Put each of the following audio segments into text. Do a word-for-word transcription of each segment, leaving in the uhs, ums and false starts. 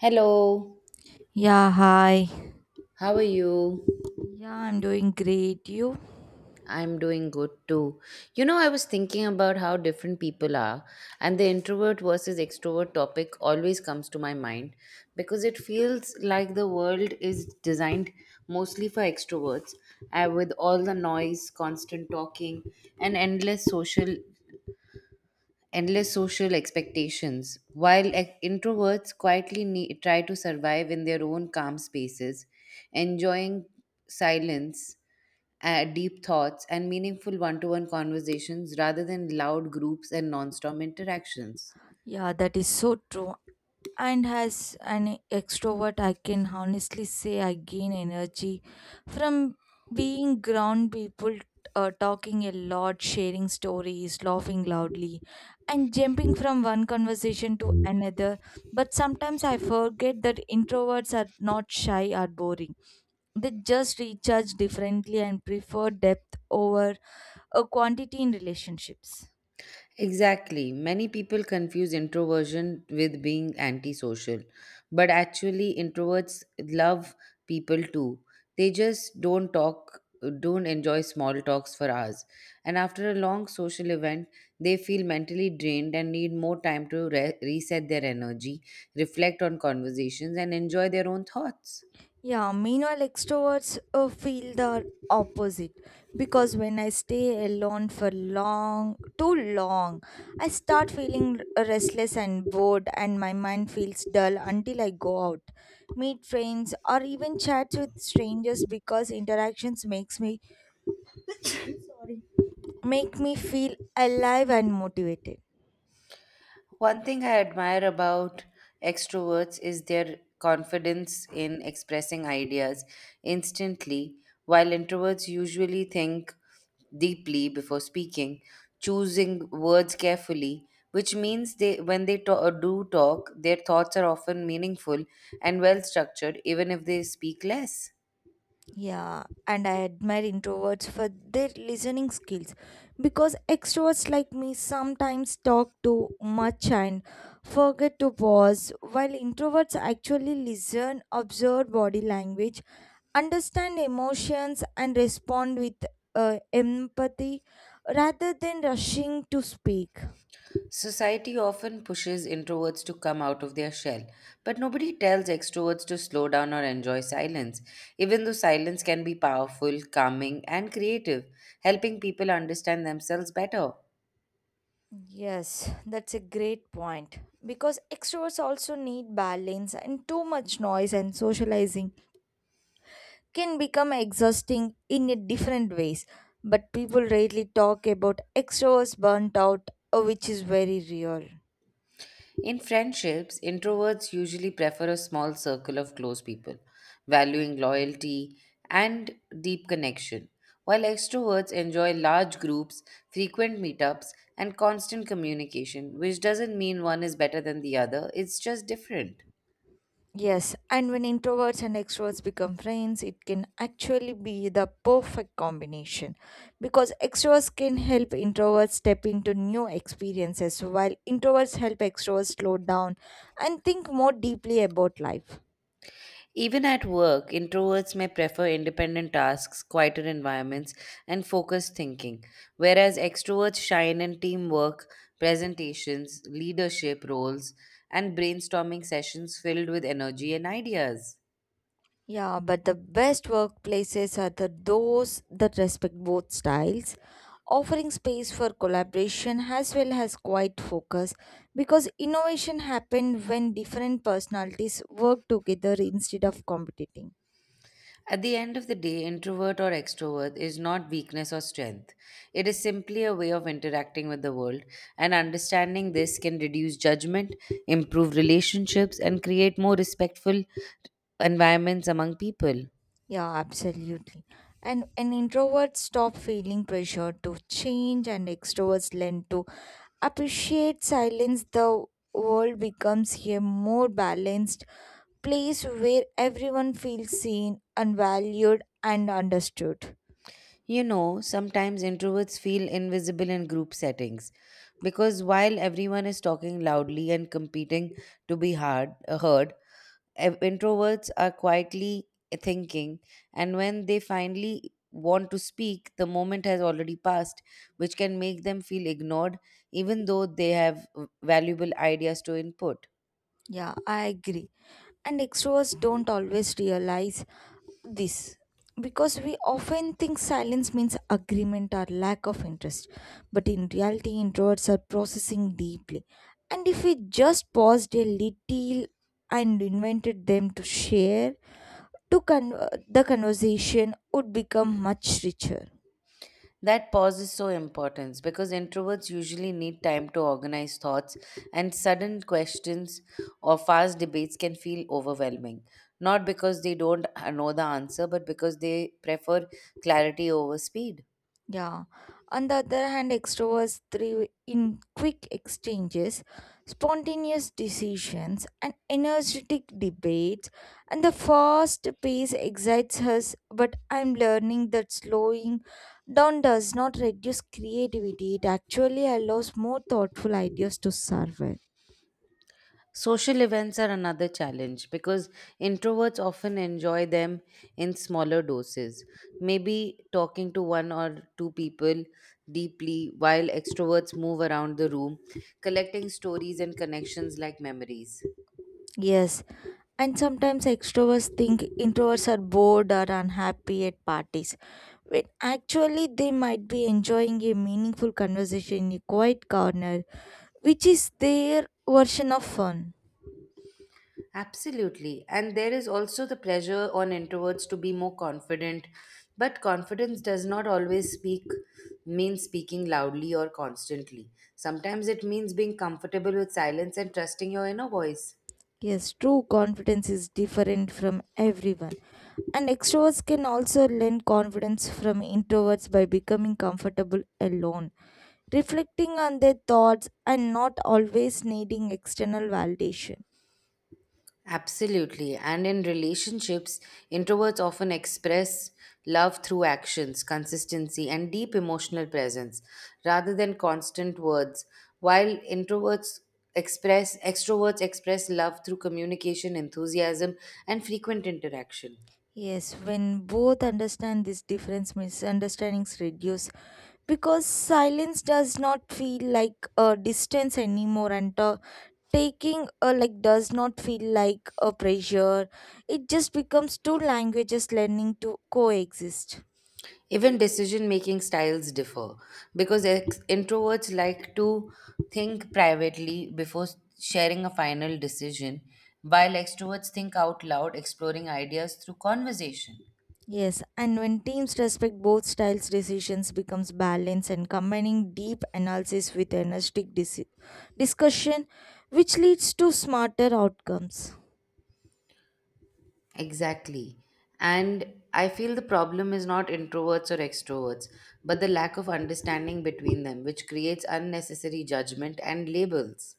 Hello, Yeah, hi. how are you? Yeah, I'm doing great. You? I'm doing good too. You know, I was thinking about how different people are, and the introvert versus extrovert topic always comes to my mind because it feels like the world is designed mostly for extroverts, uh, with all the noise, constant talking, and endless social endless social expectations, while ex- introverts quietly ne- try to survive in their own calm spaces, enjoying silence, uh, deep thoughts, and meaningful one to one conversations rather than loud groups and non stop interactions. Yeah, that is so true. And as an extrovert, I can honestly say I gain energy from being ground people, uh, talking a lot, sharing stories, laughing loudly, and jumping from one conversation to another. But sometimes I forget that introverts are not shy or boring. They just recharge differently and prefer depth over a quantity in relationships. Exactly. Many people confuse introversion with being antisocial, but actually, introverts love people too. They just don't talk, don't enjoy small talks for hours. And after a long social event, they feel mentally drained and need more time to re- reset their energy, reflect on conversations, and enjoy their own thoughts. Yeah, meanwhile, extroverts uh, feel the opposite because when I stay alone for long, too long, I start feeling restless and bored, and my mind feels dull until I go out, meet friends, or even chat with strangers because interactions makes me sorry make me feel alive and motivated. One thing I admire about extroverts is their confidence in expressing ideas instantly, while introverts usually think deeply before speaking, choosing words carefully, which means they when they to- do talk, their thoughts are often meaningful and well structured even if they speak less. Yeah, and I admire introverts for their listening skills because extroverts like me sometimes talk too much and forget to pause, while introverts actually listen, observe body language, understand emotions, and respond with uh, empathy rather than rushing to speak. Society often pushes introverts to come out of their shell, but nobody tells extroverts to slow down or enjoy silence, even though silence can be powerful, calming, and creative, helping people understand themselves better. Yes, that's a great point because extroverts also need balance, and too much noise and socializing can become exhausting in a different ways, but people rarely talk about extroverts burnt out, uh, which is very real. In friendships, introverts usually prefer a small circle of close people, valuing loyalty and deep connection, while extroverts enjoy large groups, frequent meetups, and constant communication, which doesn't mean one is better than the other, it's just different. Yes, and when introverts and extroverts become friends, it can actually be the perfect combination because extroverts can help introverts step into new experiences while introverts help extroverts slow down and think more deeply about life. Even at work, introverts may prefer independent tasks, quieter environments, and focused thinking, whereas extroverts shine in teamwork, presentations, leadership roles, and brainstorming sessions filled with energy and ideas. Yeah, but the best workplaces are the those that respect both styles, offering space for collaboration as well as quiet focus because innovation happens when different personalities work together instead of competing. At the end of the day, introvert or extrovert is not weakness or strength. It is simply a way of interacting with the world, and understanding this can reduce judgment, improve relationships, and create more respectful environments among people. Yeah, absolutely. And and introverts stop feeling pressure to change and extroverts learn to appreciate silence. The world becomes a more balanced place where everyone feels seen and valued and understood. You know, sometimes introverts feel invisible in group settings because while everyone is talking loudly and competing to be hard, uh, heard, ev- introverts are quietly eh, thinking, and when they finally want to speak, the moment has already passed, which can make them feel ignored even though they have v- valuable ideas to input. Yeah, I agree. And extroverts don't always realize this because we often think silence means agreement or lack of interest, but in reality introverts are processing deeply, and if we just paused a little and invited them to share to con- the conversation would become much richer. That pause is so important because introverts usually need time to organize thoughts, and sudden questions or fast debates can feel overwhelming. Not because they don't uh, know the answer, but because they prefer clarity over speed. Yeah. On the other hand, extroverts thrive in quick exchanges, spontaneous decisions, and energetic debates. And the fast pace excites us, but I'm learning that slowing down does not reduce creativity. It actually allows more thoughtful ideas to survive. Social events are another challenge because introverts often enjoy them in smaller doses. Maybe talking to one or two people deeply, while extroverts move around the room, collecting stories and connections like memories. Yes, and sometimes extroverts think introverts are bored or unhappy at parties, when actually they might be enjoying a meaningful conversation in a quiet corner, which is their version of fun. Absolutely. And there is also the pressure on introverts to be more confident, but confidence does not always speak mean speaking loudly or constantly. Sometimes it means being comfortable with silence and trusting your inner voice. Yes, true confidence is different from everyone, and extroverts can also learn confidence from introverts by becoming comfortable alone, reflecting on their thoughts, and not always needing external validation. Absolutely. And in relationships, introverts often express love through actions, consistency, and deep emotional presence rather than constant words. While introverts express extroverts express love through communication, enthusiasm, and frequent interaction. Yes, when both understand this difference, misunderstandings reduce because silence does not feel like a distance anymore, and uh, taking uh, like does not feel like a pressure. It just becomes two languages learning to coexist. Even decision making styles differ because ex- introverts like to think privately before sharing a final decision, while extroverts think out loud, exploring ideas through conversation. Yes, and when teams respect both styles, decisions becomes balanced and combining deep analysis with energetic dis- discussion, which leads to smarter outcomes. Exactly. And I feel the problem is not introverts or extroverts, but the lack of understanding between them, which creates unnecessary judgment and labels.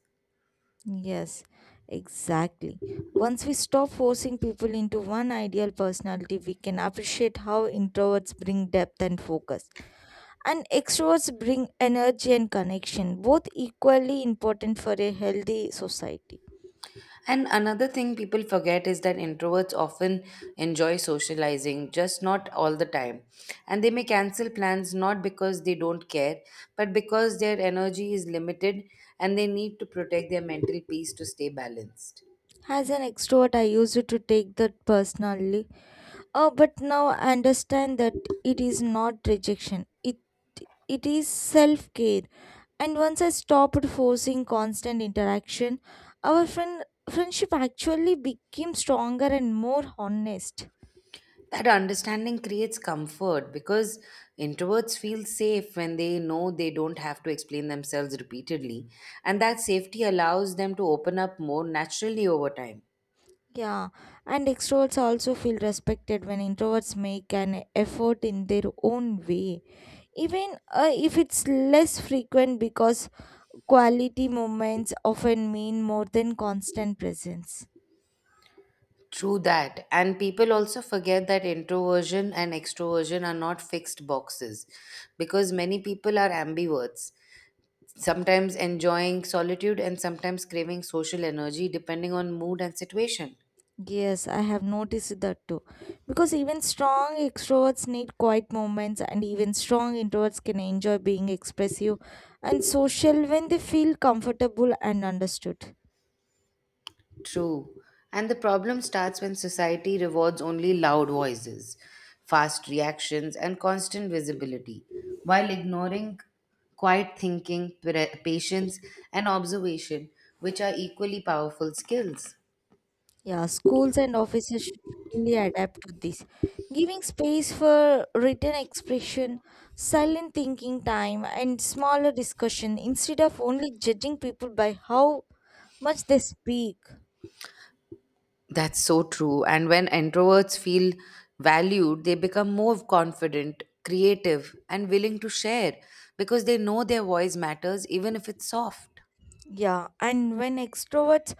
Yes, exactly. Once we stop forcing people into one ideal personality, we can appreciate how introverts bring depth and focus, and extroverts bring energy and connection, both equally important for a healthy society. And another thing people forget is that introverts often enjoy socializing, just not all the time. And they may cancel plans not because they don't care, but because their energy is limited and they need to protect their mental peace to stay balanced. As an extrovert, I used to take that personally. Oh, but now I understand that it is not rejection. It it is self care. And once I stopped forcing constant interaction, our friend friendship actually became stronger and more honest. That understanding creates comfort because introverts feel safe when they know they don't have to explain themselves repeatedly. And that safety allows them to open up more naturally over time. Yeah, and extroverts also feel respected when introverts make an effort in their own way, even uh, if it's less frequent because quality moments often mean more than constant presence. True that. And people also forget that introversion and extroversion are not fixed boxes because many people are ambiverts, sometimes enjoying solitude and sometimes craving social energy depending on mood and situation. Yes, I have noticed that too. Because even strong extroverts need quiet moments, and even strong introverts can enjoy being expressive and social when they feel comfortable and understood. True. And the problem starts when society rewards only loud voices, fast reactions, and constant visibility, while ignoring quiet thinking, pre- patience, and observation, which are equally powerful skills. Yeah, schools and offices should really adapt to this, giving space for written expression, silent thinking time, and smaller discussion instead of only judging people by how much they speak. That's so true. And when introverts feel valued, they become more confident, creative, and willing to share because they know their voice matters even if it's soft. Yeah, and when extroverts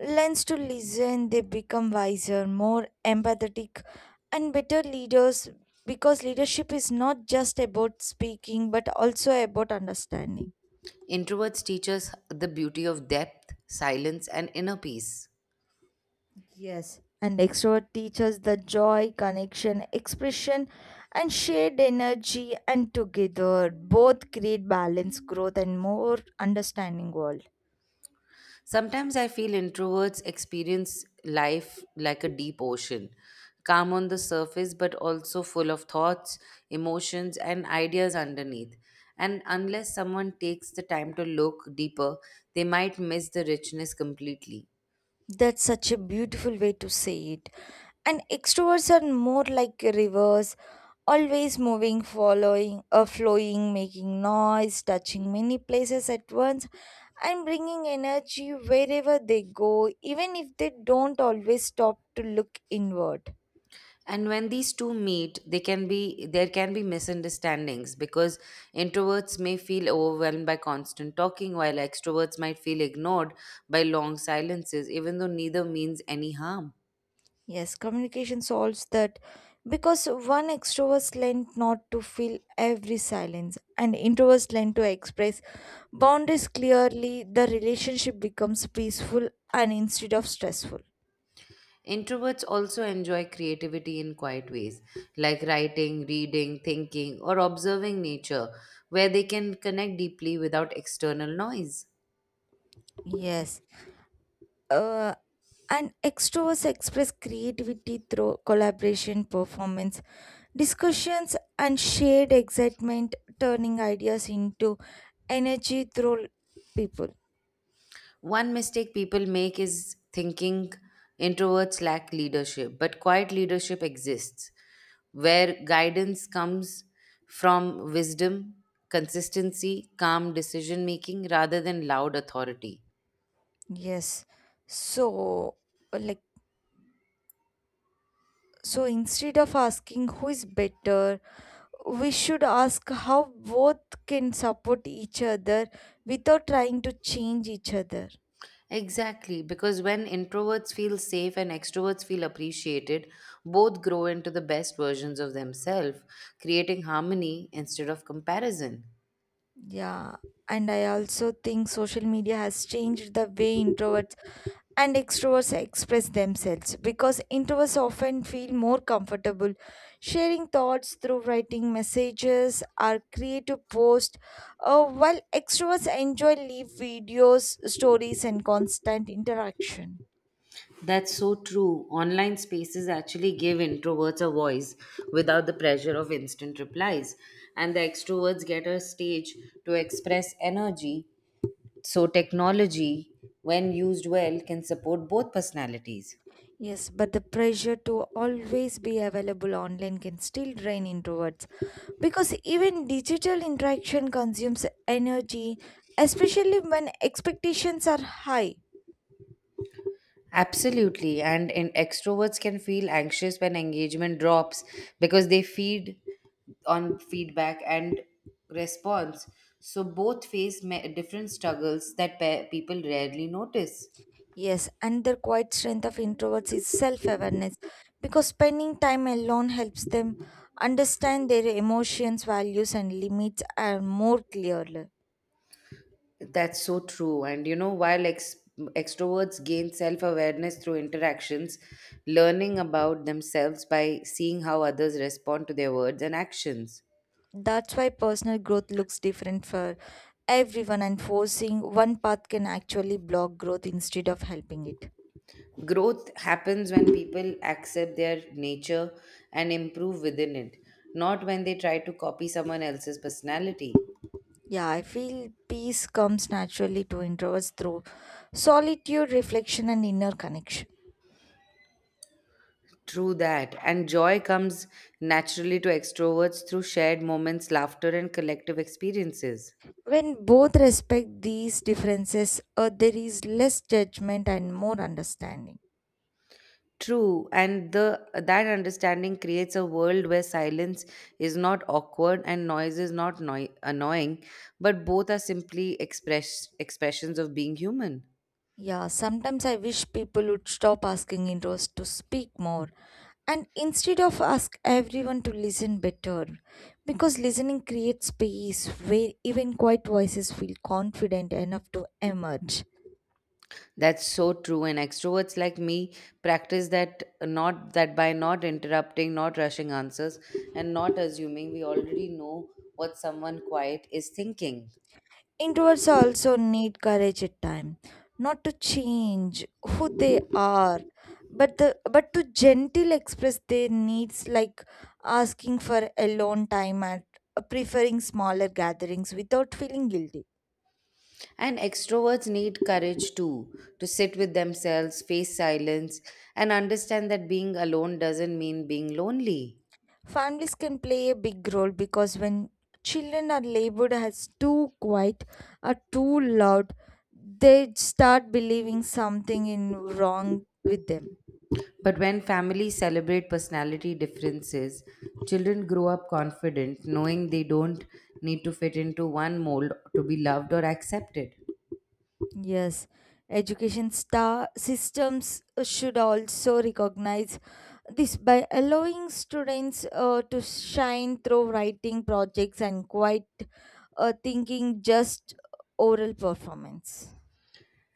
learns to listen, they become wiser, more empathetic, and better leaders because leadership is not just about speaking but also about understanding. Introverts teach us the beauty of depth, silence, and inner peace. Yes, and extrovert teaches the joy, connection, expression, and shared energy, and together both create balance, growth, and more understanding world. Sometimes I feel introverts experience life like a deep ocean, calm on the surface, but also full of thoughts, emotions, and ideas underneath. And unless someone takes the time to look deeper, they might miss the richness completely. That's such a beautiful way to say it, and extroverts are more like rivers, always moving, following, uh, flowing, making noise, touching many places at once, and bringing energy wherever they go, even if they don't always stop to look inward. And when these two meet, they can be there can be misunderstandings because introverts may feel overwhelmed by constant talking, while extroverts might feel ignored by long silences, even though neither means any harm. Yes, communication solves that because one extrovert learned not to fill every silence, and introverts learn to express boundaries clearly. The relationship becomes peaceful and instead of stressful. Introverts also enjoy creativity in quiet ways, like writing, reading, thinking, or observing nature, where they can connect deeply without external noise. Yes, uh, and extroverts express creativity through collaboration, performance, discussions, and shared excitement, turning ideas into energy through people. One mistake people make is thinking introverts lack leadership, but quiet leadership exists, where guidance comes from wisdom, consistency, calm decision making rather than loud authority. Yes. So, like, so instead of asking who is better, we should ask how both can support each other without trying to change each other. Exactly, because when introverts feel safe and extroverts feel appreciated, both grow into the best versions of themselves, creating harmony instead of comparison. Yeah. And I also think social media has changed the way introverts and extroverts express themselves because introverts often feel more comfortable sharing thoughts through writing messages or creative posts, uh, while extroverts enjoy live videos, stories, and constant interaction. That's so true. Online spaces actually give introverts a voice without the pressure of instant replies, and the extroverts get a stage to express energy. So, technology, when used well, can support both personalities. Yes, but the pressure to always be available online can still drain introverts because even digital interaction consumes energy, especially when expectations are high. Absolutely. And in extroverts can feel anxious when engagement drops because they feed on feedback and response. So both face ma- different struggles that pe- people rarely notice. Yes, another quiet strength of introverts is self awareness because spending time alone helps them understand their emotions, values, and limits are more clearly. That's so true. And you know, while ex- extroverts gain self awareness through interactions, learning about themselves by seeing how others respond to their words and actions. That's why personal growth looks different for everyone, and forcing one path can actually block growth instead of helping it. Growth happens when people accept their nature and improve within it, not when they try to copy someone else's personality. Yeah, I feel peace comes naturally to introverts through solitude, reflection, and inner connection. True that. And joy comes naturally to extroverts through shared moments, laughter, and collective experiences. When both respect these differences, uh, there is less judgment and more understanding. True, and the that understanding creates a world where silence is not awkward and noise is not noi- annoying, but both are simply express expressions of being human. Yeah, sometimes I wish people would stop asking Indros to speak more and instead of ask everyone to listen better because listening creates space where even quiet voices feel confident enough to emerge. That's so true. And extroverts like me practice that not that by not interrupting, not rushing answers, and not assuming we already know what someone quiet is thinking. Introverts also need courage at time, not to change who they are, but the but to gently express their needs, like asking for alone time and preferring smaller gatherings without feeling guilty. And extroverts need courage too to sit with themselves, face silence, and understand that being alone doesn't mean being lonely. Families can play a big role because when children are labeled as too quiet or too loud, they start believing something in wrong with them. But when families celebrate personality differences, children grow up confident, knowing they don't need to fit into one mold to be loved or accepted. Yes, education star systems uh, should also recognize this by allowing students uh, to shine through writing projects and quite uh, thinking just oral performance.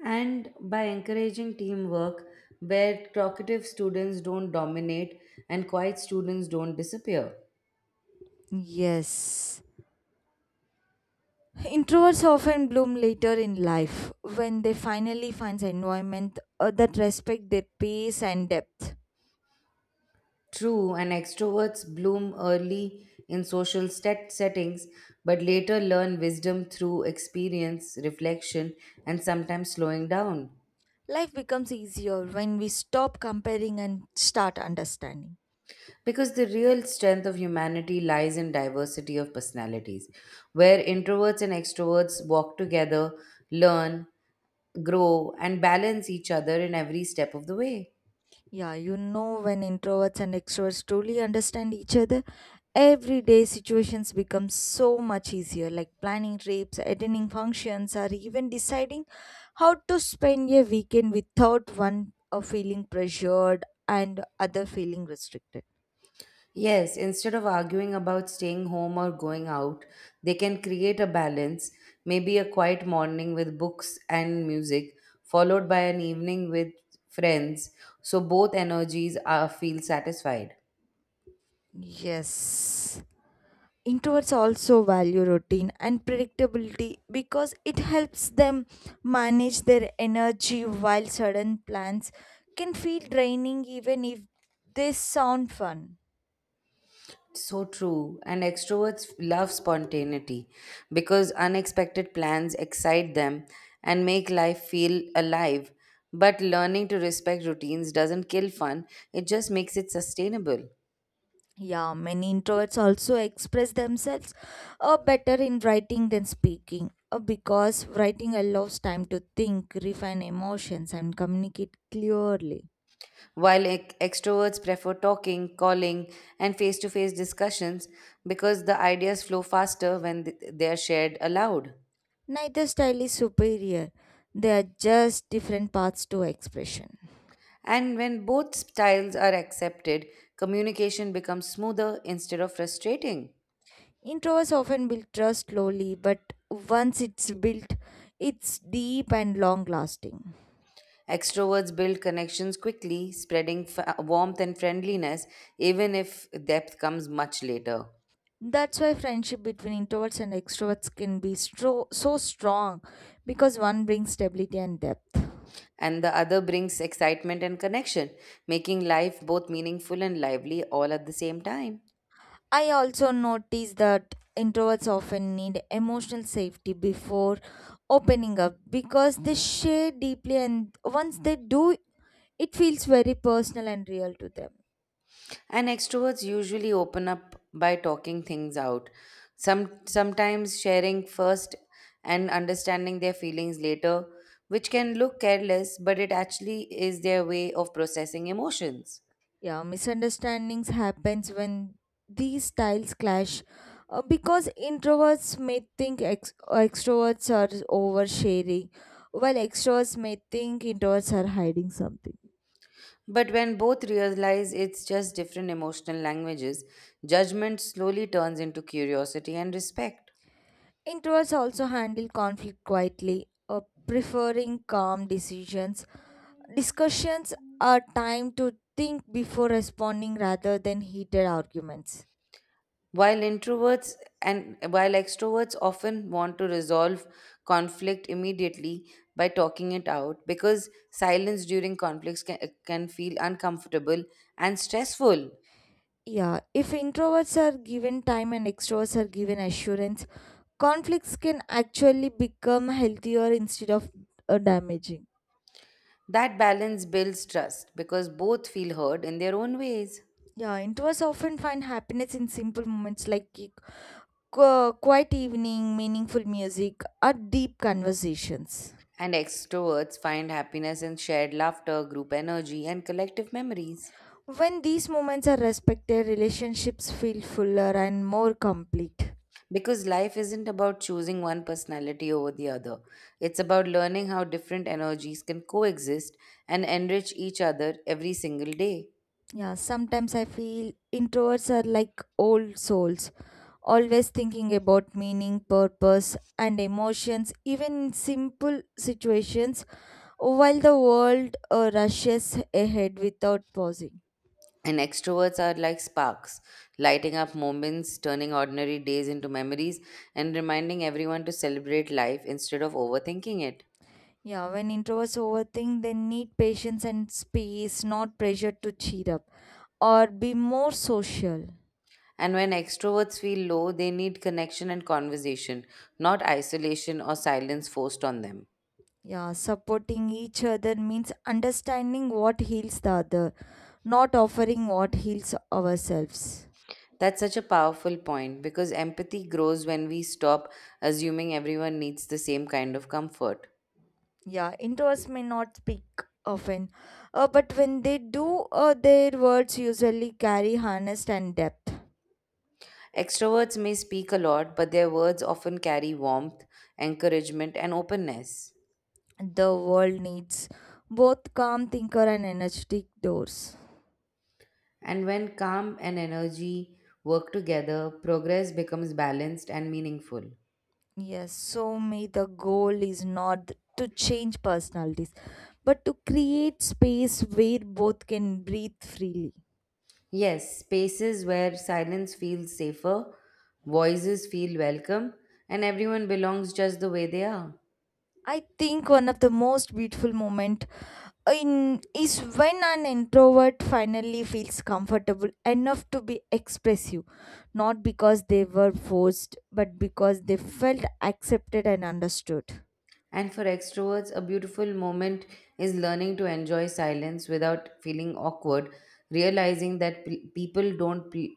And by encouraging teamwork, where talkative students don't dominate and quiet students don't disappear. Yes. Introverts often bloom later in life when they finally find an environment uh, that respect their pace and depth. True, and extroverts bloom early in social set- settings, but later learn wisdom through experience, reflection, and sometimes slowing down. Life becomes easier when we stop comparing and start understanding. Because the real strength of humanity lies in diversity of personalities, where introverts and extroverts walk together, learn, grow, and balance each other in every step of the way. Yeah, you know, when introverts and extroverts truly understand each other, everyday situations become so much easier, like planning trips, attending functions, or even deciding how to spend a weekend without one uh, feeling pressured and other feeling restricted. Yes, instead of arguing about staying home or going out, they can create a balance, maybe a quiet morning with books and music, followed by an evening with friends, so both energies are feel satisfied. Yes. Introverts also value routine and predictability because it helps them manage their energy while sudden plans can feel draining even if they sound fun. So true. And extroverts love spontaneity because unexpected plans excite them and make life feel alive. But learning to respect routines doesn't kill fun, it just makes it sustainable. Yeah, many introverts also express themselves uh, better in writing than speaking uh, because writing allows time to think, refine emotions, and communicate clearly. While ex- extroverts prefer talking, calling, and face to face discussions because the ideas flow faster when th- they are shared aloud. Neither style is superior, they are just different paths to expression. And when both styles are accepted, communication becomes smoother instead of frustrating. Introverts often build trust slowly, but once it's built, it's deep and long lasting. Extroverts build connections quickly, spreading f- warmth and friendliness, even if depth comes much later. That's why friendship between introverts and extroverts can be stro- so strong because one brings stability and depth. And the other brings excitement and connection, making life both meaningful and lively all at the same time. I also notice that introverts often need emotional safety before opening up because they share deeply, and once they do, it feels very personal and real to them. And extroverts usually open up by talking things out. Some sometimes sharing first and understanding their feelings later, which can look careless, but it actually is their way of processing emotions. Yeah, misunderstandings happens when these styles clash uh, because introverts may think ex- uh, extroverts are oversharing while extroverts may think introverts are hiding something. But when both realize it's just different emotional languages, judgment slowly turns into curiosity and respect. Introverts also handle conflict quietly, uh, preferring calm decisions. Discussions are time to think before responding rather than heated arguments. While introverts and while extroverts often want to resolve conflict immediately by talking it out because silence during conflicts can, can feel uncomfortable and stressful. Yeah, if introverts are given time and extroverts are given assurance, conflicts can actually become healthier instead of uh, damaging. That balance builds trust because both feel heard in their own ways. Yeah, introverts often find happiness in simple moments like ki- qu- quiet evening, meaningful music, or deep conversations. And extroverts find happiness in shared laughter, group energy, and collective memories. When these moments are respected, relationships feel fuller and more complete. Because life isn't about choosing one personality over the other. It's about learning how different energies can coexist and enrich each other every single day. Yeah, sometimes I feel introverts are like old souls, always thinking about meaning, purpose, and emotions, even in simple situations, while the world uh, rushes ahead without pausing. And extroverts are like sparks, lighting up moments, turning ordinary days into memories, and reminding everyone to celebrate life instead of overthinking it. Yeah, when introverts overthink, they need patience and space, not pressure to cheer up or be more social. And when extroverts feel low, they need connection and conversation, not isolation or silence forced on them. Yeah, supporting each other means understanding what heals the other, not offering what heals ourselves. That's such a powerful point because empathy grows when we stop assuming everyone needs the same kind of comfort. Yeah, introverts may not speak often, uh, but when they do, uh, their words usually carry honest and depth. Extroverts may speak a lot, but their words often carry warmth, encouragement, and openness. The world needs both calm thinker and energetic doors. And when calm and energy work together, progress becomes balanced and meaningful. Yes, so may the goal is not to change personalities, but to create space where both can breathe freely. Yes, spaces where silence feels safer, voices feel welcome, and everyone belongs just the way they are. I think one of the most beautiful moment uh, in is when an introvert finally feels comfortable enough to be expressive, not because they were forced, but because they felt accepted and understood. And for extroverts, a beautiful moment is learning to enjoy silence without feeling awkward, realizing that pe- people don't pe-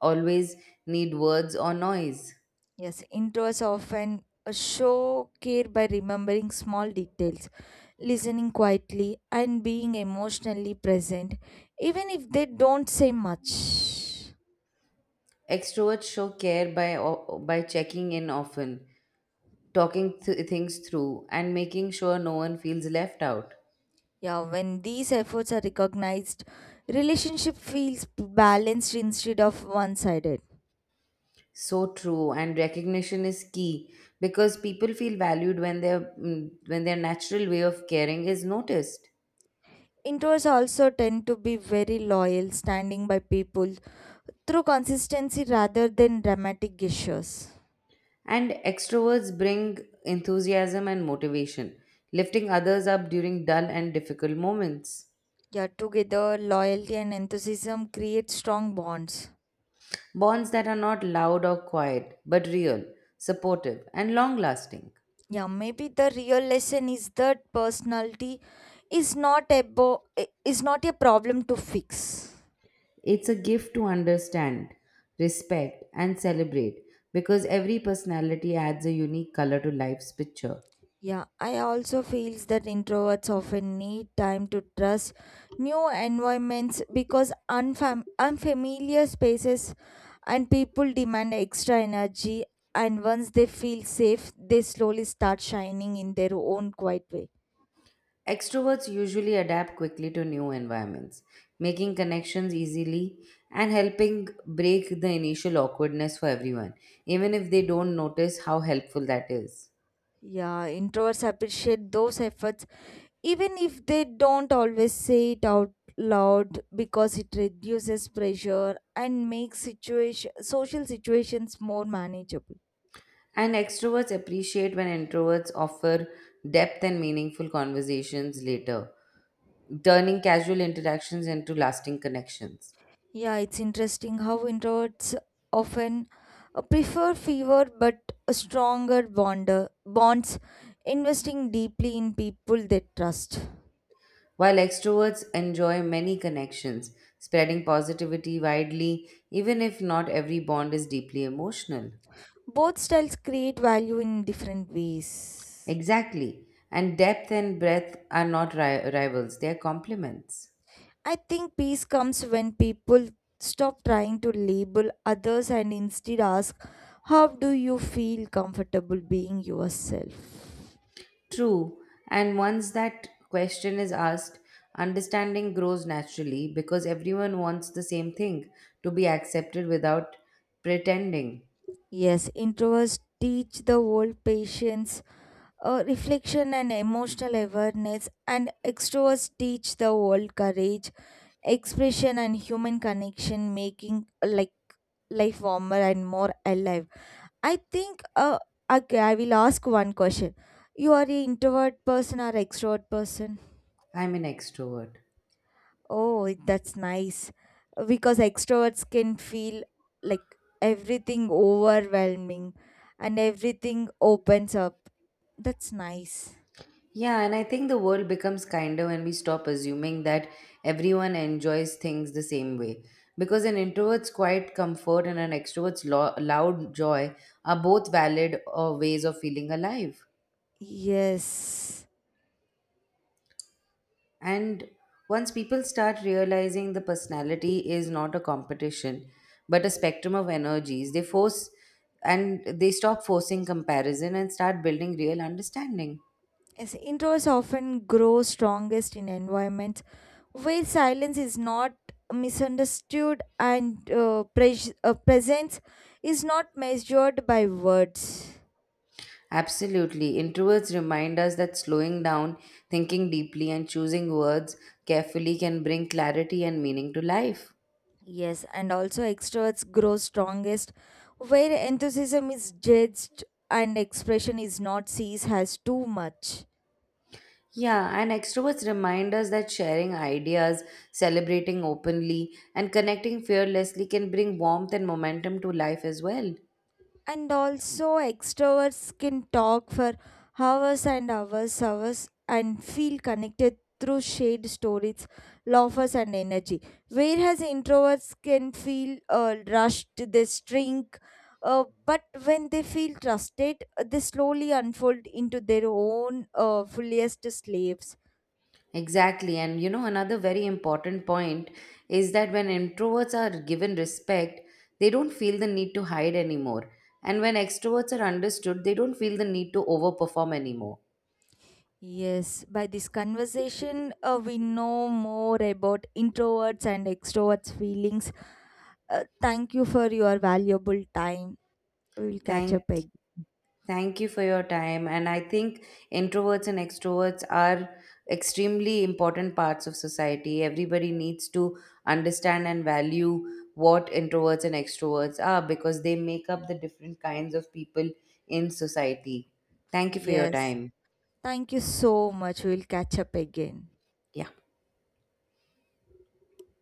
always need words or noise. Yes, introverts often uh, show care by remembering small details, listening quietly, and being emotionally present, even if they don't say much. Extroverts show care by, o- by checking in often, talking th- things through, and making sure no one feels left out. Yeah, when these efforts are recognized, relationship feels balanced instead of one-sided. So true, and recognition is key because people feel valued when their mm, when their natural way of caring is noticed. Introverts also tend to be very loyal, standing by people through consistency rather than dramatic gestures. And extroverts bring enthusiasm and motivation, lifting others up during dull and difficult moments. Yeah, together, loyalty and enthusiasm create strong bonds. Bonds that are not loud or quiet, but real, supportive, and long lasting. Yeah, maybe the real lesson is that personality is not a bo- is not a problem to fix. It's a gift to understand, respect, and celebrate because every personality adds a unique color to life's picture. Yeah, I also feels that introverts often need time to trust new environments because unfam- unfamiliar spaces and people demand extra energy, and once they feel safe, they slowly start shining in their own quiet way. Extroverts usually adapt quickly to new environments, making connections easily and helping break the initial awkwardness for everyone, even if they don't notice how helpful that is. Yeah, introverts appreciate those efforts even if they don't always say it out loud because it reduces pressure and makes situation social situations more manageable. And extroverts appreciate when introverts offer depth and meaningful conversations later, turning casual interactions into lasting connections. Yeah, it's interesting how introverts often uh, prefer fewer but a stronger bonder bonds, investing deeply in people they trust. While extroverts enjoy many connections, spreading positivity widely, even if not every bond is deeply emotional. Both styles create value in different ways. Exactly. And depth and breadth are not ri- rivals, they are complements. I think peace comes when people stop trying to label others and instead ask, "How do you feel comfortable being yourself?" True. And once that question is asked, understanding grows naturally because everyone wants the same thing to be accepted without pretending. Yes, introverts teach the world patience, uh, reflection, and emotional awareness, and extroverts teach the world courage, expression, and human connection, making uh, like life warmer and more alive. I think. Uh, okay, I will ask one question. You are an introvert person or extrovert person? I'm an extrovert. Oh, that's nice. Because extroverts can feel like everything overwhelming and everything opens up. That's nice. Yeah, and I think the world becomes kinder when we stop assuming that everyone enjoys things the same way. Because an introvert's quiet comfort and an extrovert's lo- loud joy are both valid uh, ways of feeling alive. Yes. And once people start realizing the personality is not a competition, but a spectrum of energies, they force and they stop forcing comparison and start building real understanding. Yes, introverts often grow strongest in environments where silence is not misunderstood and uh, pres- uh, presence is not measured by words. Absolutely. Introverts remind us that slowing down, thinking deeply, and choosing words carefully can bring clarity and meaning to life. Yes, and also extroverts grow strongest where enthusiasm is judged and expression is not seized as too much. Yeah, and extroverts remind us that sharing ideas, celebrating openly, and connecting fearlessly can bring warmth and momentum to life as well. And also, extroverts can talk for hours and hours, hours, and feel connected through shared stories, laughs, and energy. Whereas introverts can feel uh, rushed, they shrink. Uh, but when they feel trusted, uh, they slowly unfold into their own uh, fullest slaves. Exactly. And you know, another very important point is that when introverts are given respect, they don't feel the need to hide anymore. And when extroverts are understood, they don't feel the need to overperform anymore. Yes, by this conversation, uh, we know more about introverts and extroverts' feelings. Uh, thank you for your valuable time. We will catch Thank, up again. Thank you for your time. And I think introverts and extroverts are extremely important parts of society. Everybody needs to understand and value what introverts and extroverts are because they make up the different kinds of people in society. Thank you for your Yes, time. thank you so much. We will catch up again. Yeah.